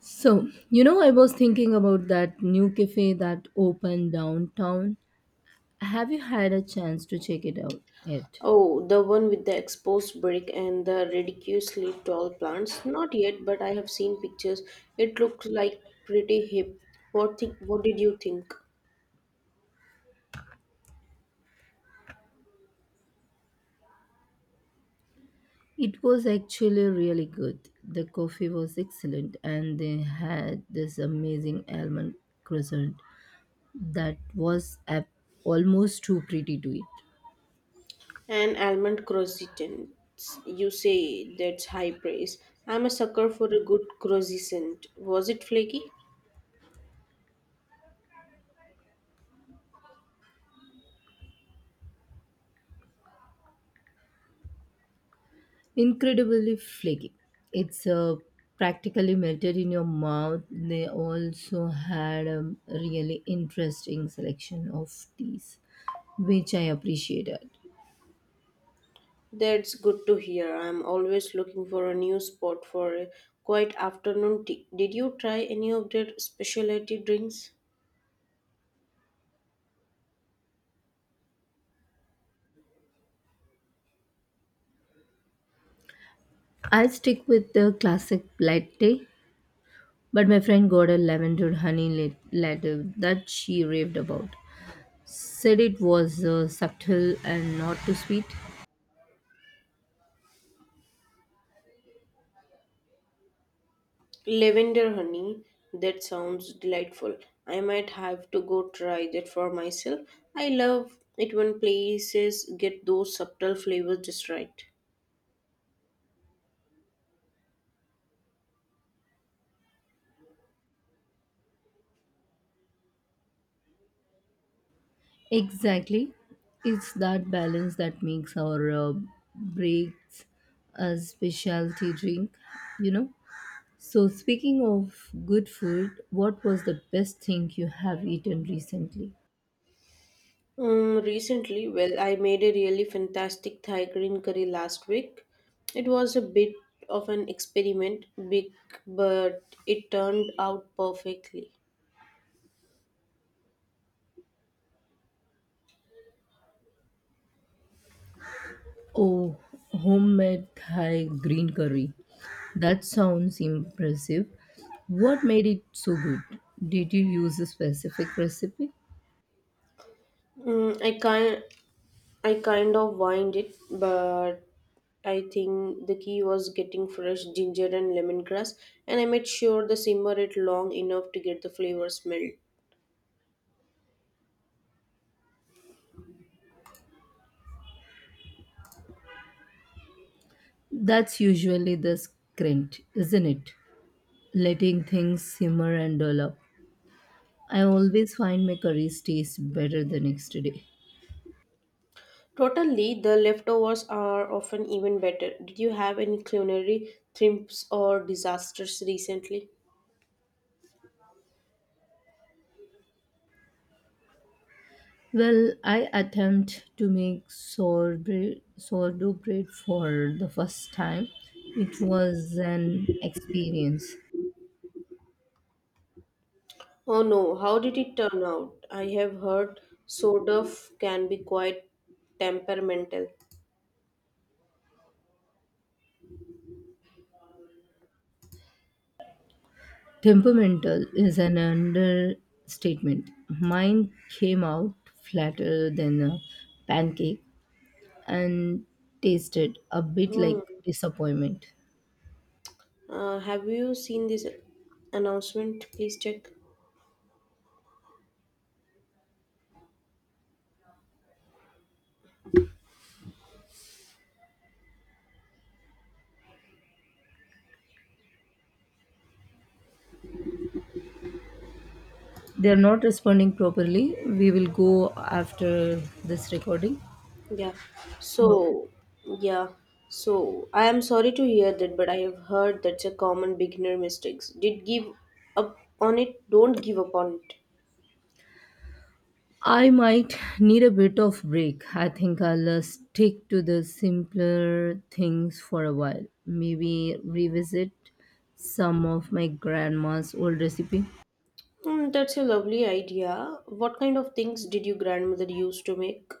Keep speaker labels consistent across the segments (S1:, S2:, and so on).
S1: So, you know, I was thinking about that new cafe that opened downtown. Have you had a chance to check it out yet?
S2: Oh, the one with the exposed brick and the ridiculously tall plants. Not yet, but I have seen pictures. It looked like pretty hip. What did you think?
S1: It was actually really good. The coffee was excellent, and they had this amazing almond croissant that was almost too pretty to eat.
S2: An almond croissant. You say that's high praise. I'm a sucker for a good croissant. Was it flaky?
S1: Incredibly flaky. It's practically melted in your mouth. They also had a really interesting selection of teas, which I appreciated.
S2: That's good to hear. I'm always looking for a new spot for a quiet afternoon tea. Did you try any of their specialty drinks?
S1: I'll stick with the classic latte, but my friend got a lavender honey latte that she raved about. Said it was subtle and not too sweet.
S2: Lavender honey, that sounds delightful. I might have to go try that for myself. I love it when places get those subtle flavors just right.
S1: Exactly. It's that balance that makes our breaks a specialty drink, you know. So, speaking of good food, what was the best thing you have eaten recently?
S2: Recently, well, I made a really fantastic Thai green curry last week. It was a bit of an experiment, big, but it turned out perfectly.
S1: Oh, homemade Thai green curry. That sounds impressive. What made it so good? Did you use a specific recipe?
S2: Mm, I can't. I kind of whined it, but I think the key was getting fresh ginger and lemongrass, and I made sure to simmer it long enough to get the flavors meld.
S1: That's usually the scrent, isn't it? Letting things simmer and develop. I always find my curries taste better the next day.
S2: Totally, the leftovers are often even better. Did you have any culinary triumphs or disasters recently?
S1: Well, I attempt to make sourdough bread for the first time. It was an experience.
S2: Oh no, how did it turn out? I have heard sort of can be quite temperamental.
S1: Temperamental is an understatement. Mine came out flatter than a pancake and tasted a bit like
S2: Hmm.
S1: disappointment.
S2: Have you seen this announcement? Please check.
S1: They are not responding properly. We will go after this recording.
S2: Yeah.
S1: Okay.
S2: So, yeah. So, I am sorry to hear that, but I have heard that's a common beginner mistakes. Did give up on it, don't give up on it.
S1: I might need a bit of break. I think I'll stick to the simpler things for a while. Maybe revisit some of my grandma's old recipe.
S2: That's a lovely idea. What kind of things did your grandmother used to make?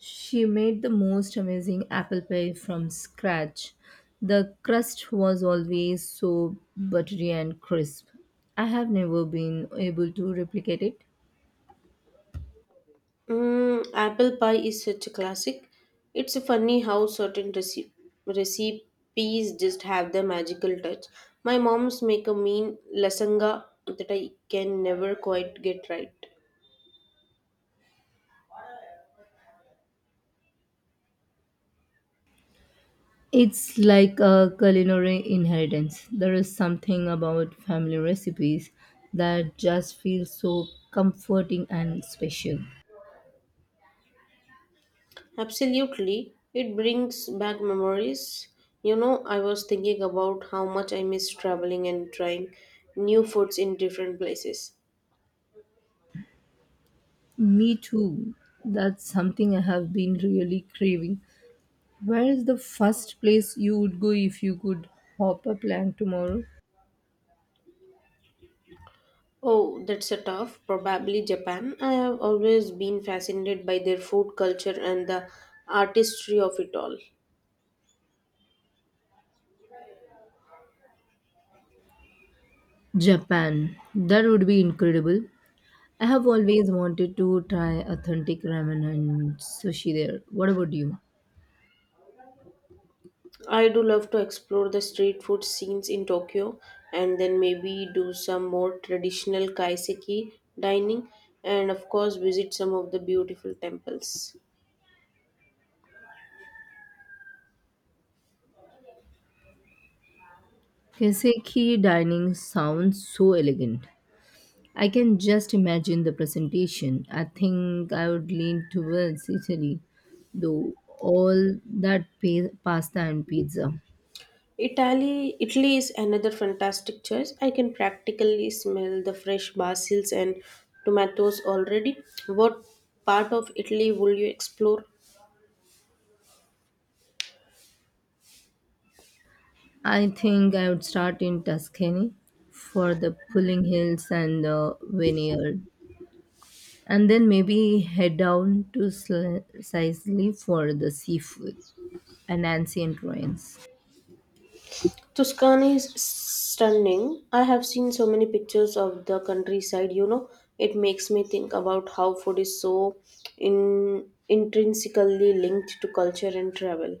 S1: She made the most amazing apple pie from scratch. The crust was always so buttery and crisp. I have never been able to replicate it.
S2: Apple pie is such a classic. It's funny how recipes just have their magical touch. My mom's make a mean lasagna that I can never quite get right.
S1: It's like a culinary inheritance. There is something about family recipes that just feels so comforting and special.
S2: Absolutely. It brings back memories. You know, I was thinking about how much I miss traveling and trying new foods in different places.
S1: Me too. That's something I have been really craving. Where is the first place you would go if you could hop a plane tomorrow?
S2: Oh, that's a tough. Probably Japan. I have always been fascinated by their food culture and the artistry of it all.
S1: Japan. That would be incredible. I have always wanted to try authentic ramen and sushi there. What about you?
S2: I do love to explore the street food scenes in Tokyo and then maybe do some more traditional kaiseki dining and of course visit some of the beautiful temples.
S1: Kaseki dining sounds so elegant. I can just imagine the presentation. I think I would lean towards Italy, though all that pasta and pizza.
S2: Italy is another fantastic choice. I can practically smell the fresh basils and tomatoes already. What part of Italy will you explore?
S1: I think I would start in Tuscany for the pulling hills and the vineyard, and then maybe head down to Sicily for the seafood and ancient ruins.
S2: Tuscany is stunning. I have seen so many pictures of the countryside. It makes me think about how food is so intrinsically linked to culture and travel.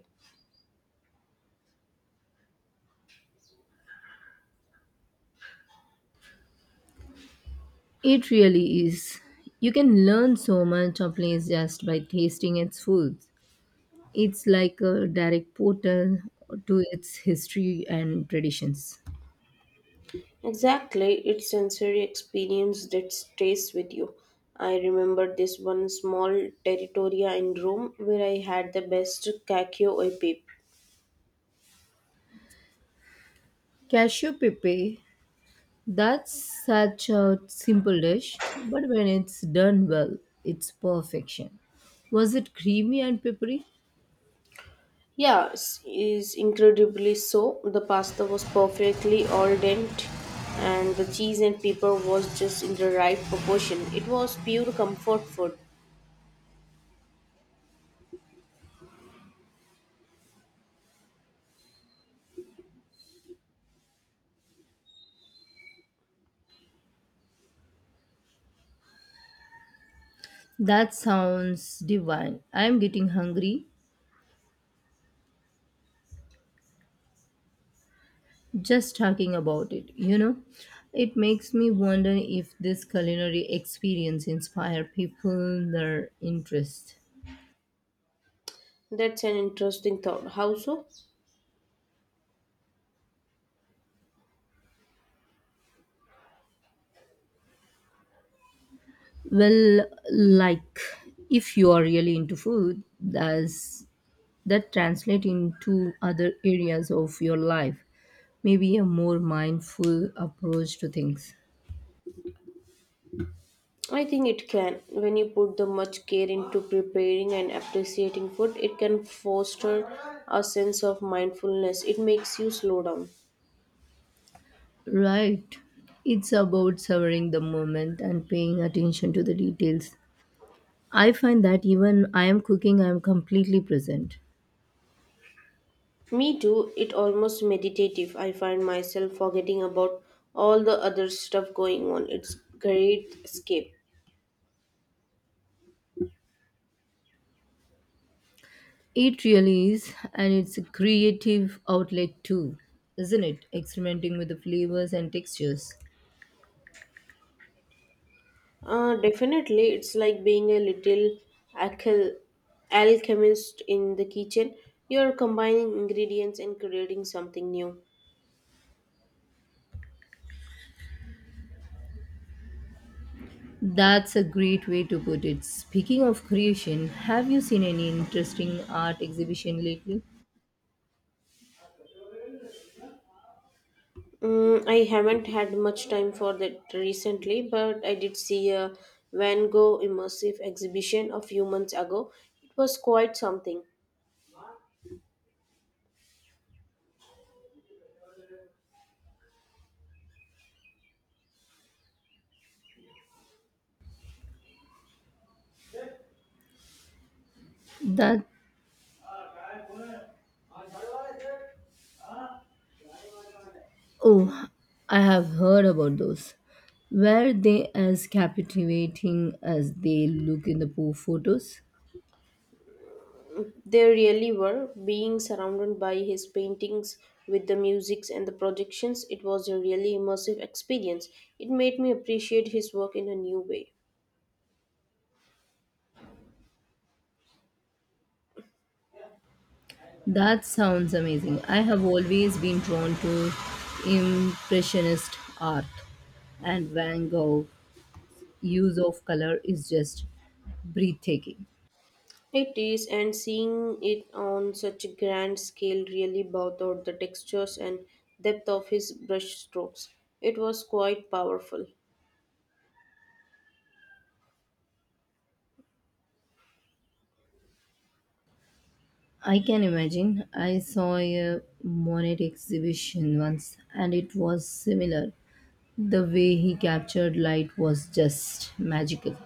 S1: It really is. You can learn so much of a place just by tasting its food. It's like a direct portal to its history and traditions.
S2: Exactly, it's sensory experience that stays with you. I remember this one small territoria in Rome where I had the best cacio e pepe.
S1: Cashew Pepe. That's such a simple dish, but when it's done well, it's perfection. Was it creamy and peppery?
S2: Yes, is incredibly so. The pasta was perfectly al dente, and the cheese and pepper was just in the right proportion. It was pure comfort food.
S1: That sounds divine. I'm getting hungry just talking about it, you know? It makes me wonder if this culinary experience inspire people their interest.
S2: That's an interesting thought. How so?
S1: Well, like if you are really into food, does that translate into other areas of your life? Maybe a more mindful approach to things.
S2: I think it can. When you put the much care into preparing and appreciating food, it can foster a sense of mindfulness. It makes you slow down.
S1: Right. It's about savoring the moment and paying attention to the details. I find that even I am cooking, I am completely present.
S2: Me too, it almost meditative. I find myself forgetting about all the other stuff going on. It's great escape.
S1: It really is, and it's a creative outlet too, isn't it? Experimenting with the flavors and textures.
S2: Definitely, it's like being a little alchel- alchemist in the kitchen. You're combining ingredients and creating something new.
S1: That's a great way to put it. Speaking of creation, have you seen any interesting art exhibition lately?
S2: I haven't had much time for that recently, but I did see a Van Gogh immersive exhibition a few months ago. It was quite something.
S1: That oh, I have heard about those. Were they as captivating as they look in the photos?
S2: They really were being surrounded by his paintings with the musics and the projections. It was a really immersive experience. It made me appreciate his work in a new way.
S1: That sounds amazing. I have always been drawn to impressionist art, and Van Gogh's use of color is just breathtaking.
S2: It is, and seeing it on such a grand scale really brought out the textures and depth of his brush strokes. It was quite powerful.
S1: I can imagine. I saw a Monet exhibition once and it was similar. The way he captured light was just magical.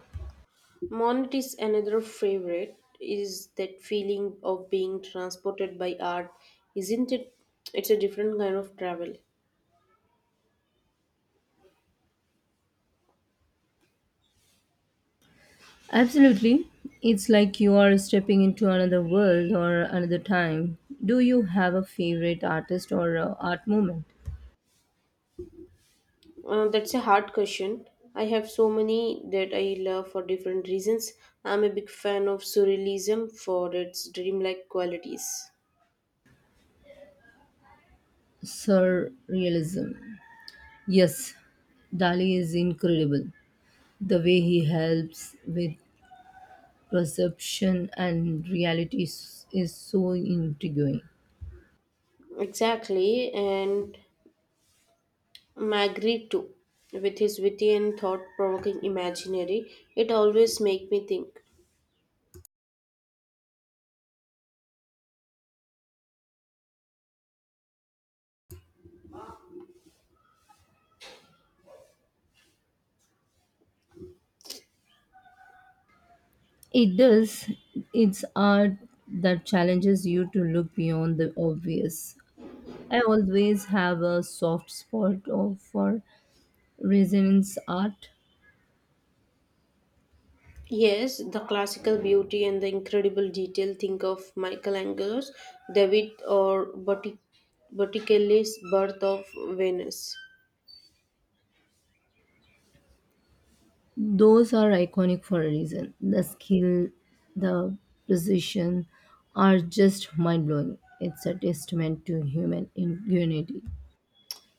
S2: Monet is another favorite. Is that feeling of being transported by art? Isn't it? It's a different kind of travel.
S1: Absolutely. It's like you are stepping into another world or another time. Do you have a favorite artist or art movement?
S2: That's a hard question. I have so many that I love for different reasons. I'm a big fan of surrealism for its dreamlike qualities.
S1: Surrealism. Yes, Dali is incredible. The way he helps with perception and reality is so intriguing.
S2: Exactly, and Magritte too, with his witty and thought-provoking imaginary. It always makes me think.
S1: It does. It's art that challenges you to look beyond the obvious. I always have a soft spot for resonance art.
S2: Yes, the classical beauty and the incredible detail. Think of Michelangelo's David or Botticelli's Birth of Venus.
S1: Those are iconic for a reason. The skill, the precision are just mind blowing. It's a testament to human unity.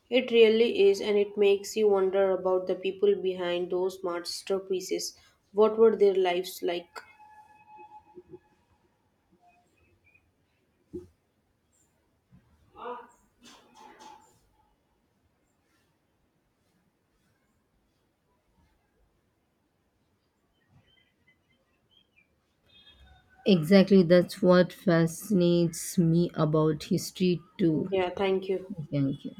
S2: It really is, and it makes you wonder about the people behind those masterpieces. What were their lives like?
S1: Exactly, that's what fascinates me about history too.
S2: Yeah, thank you.
S1: Thank you.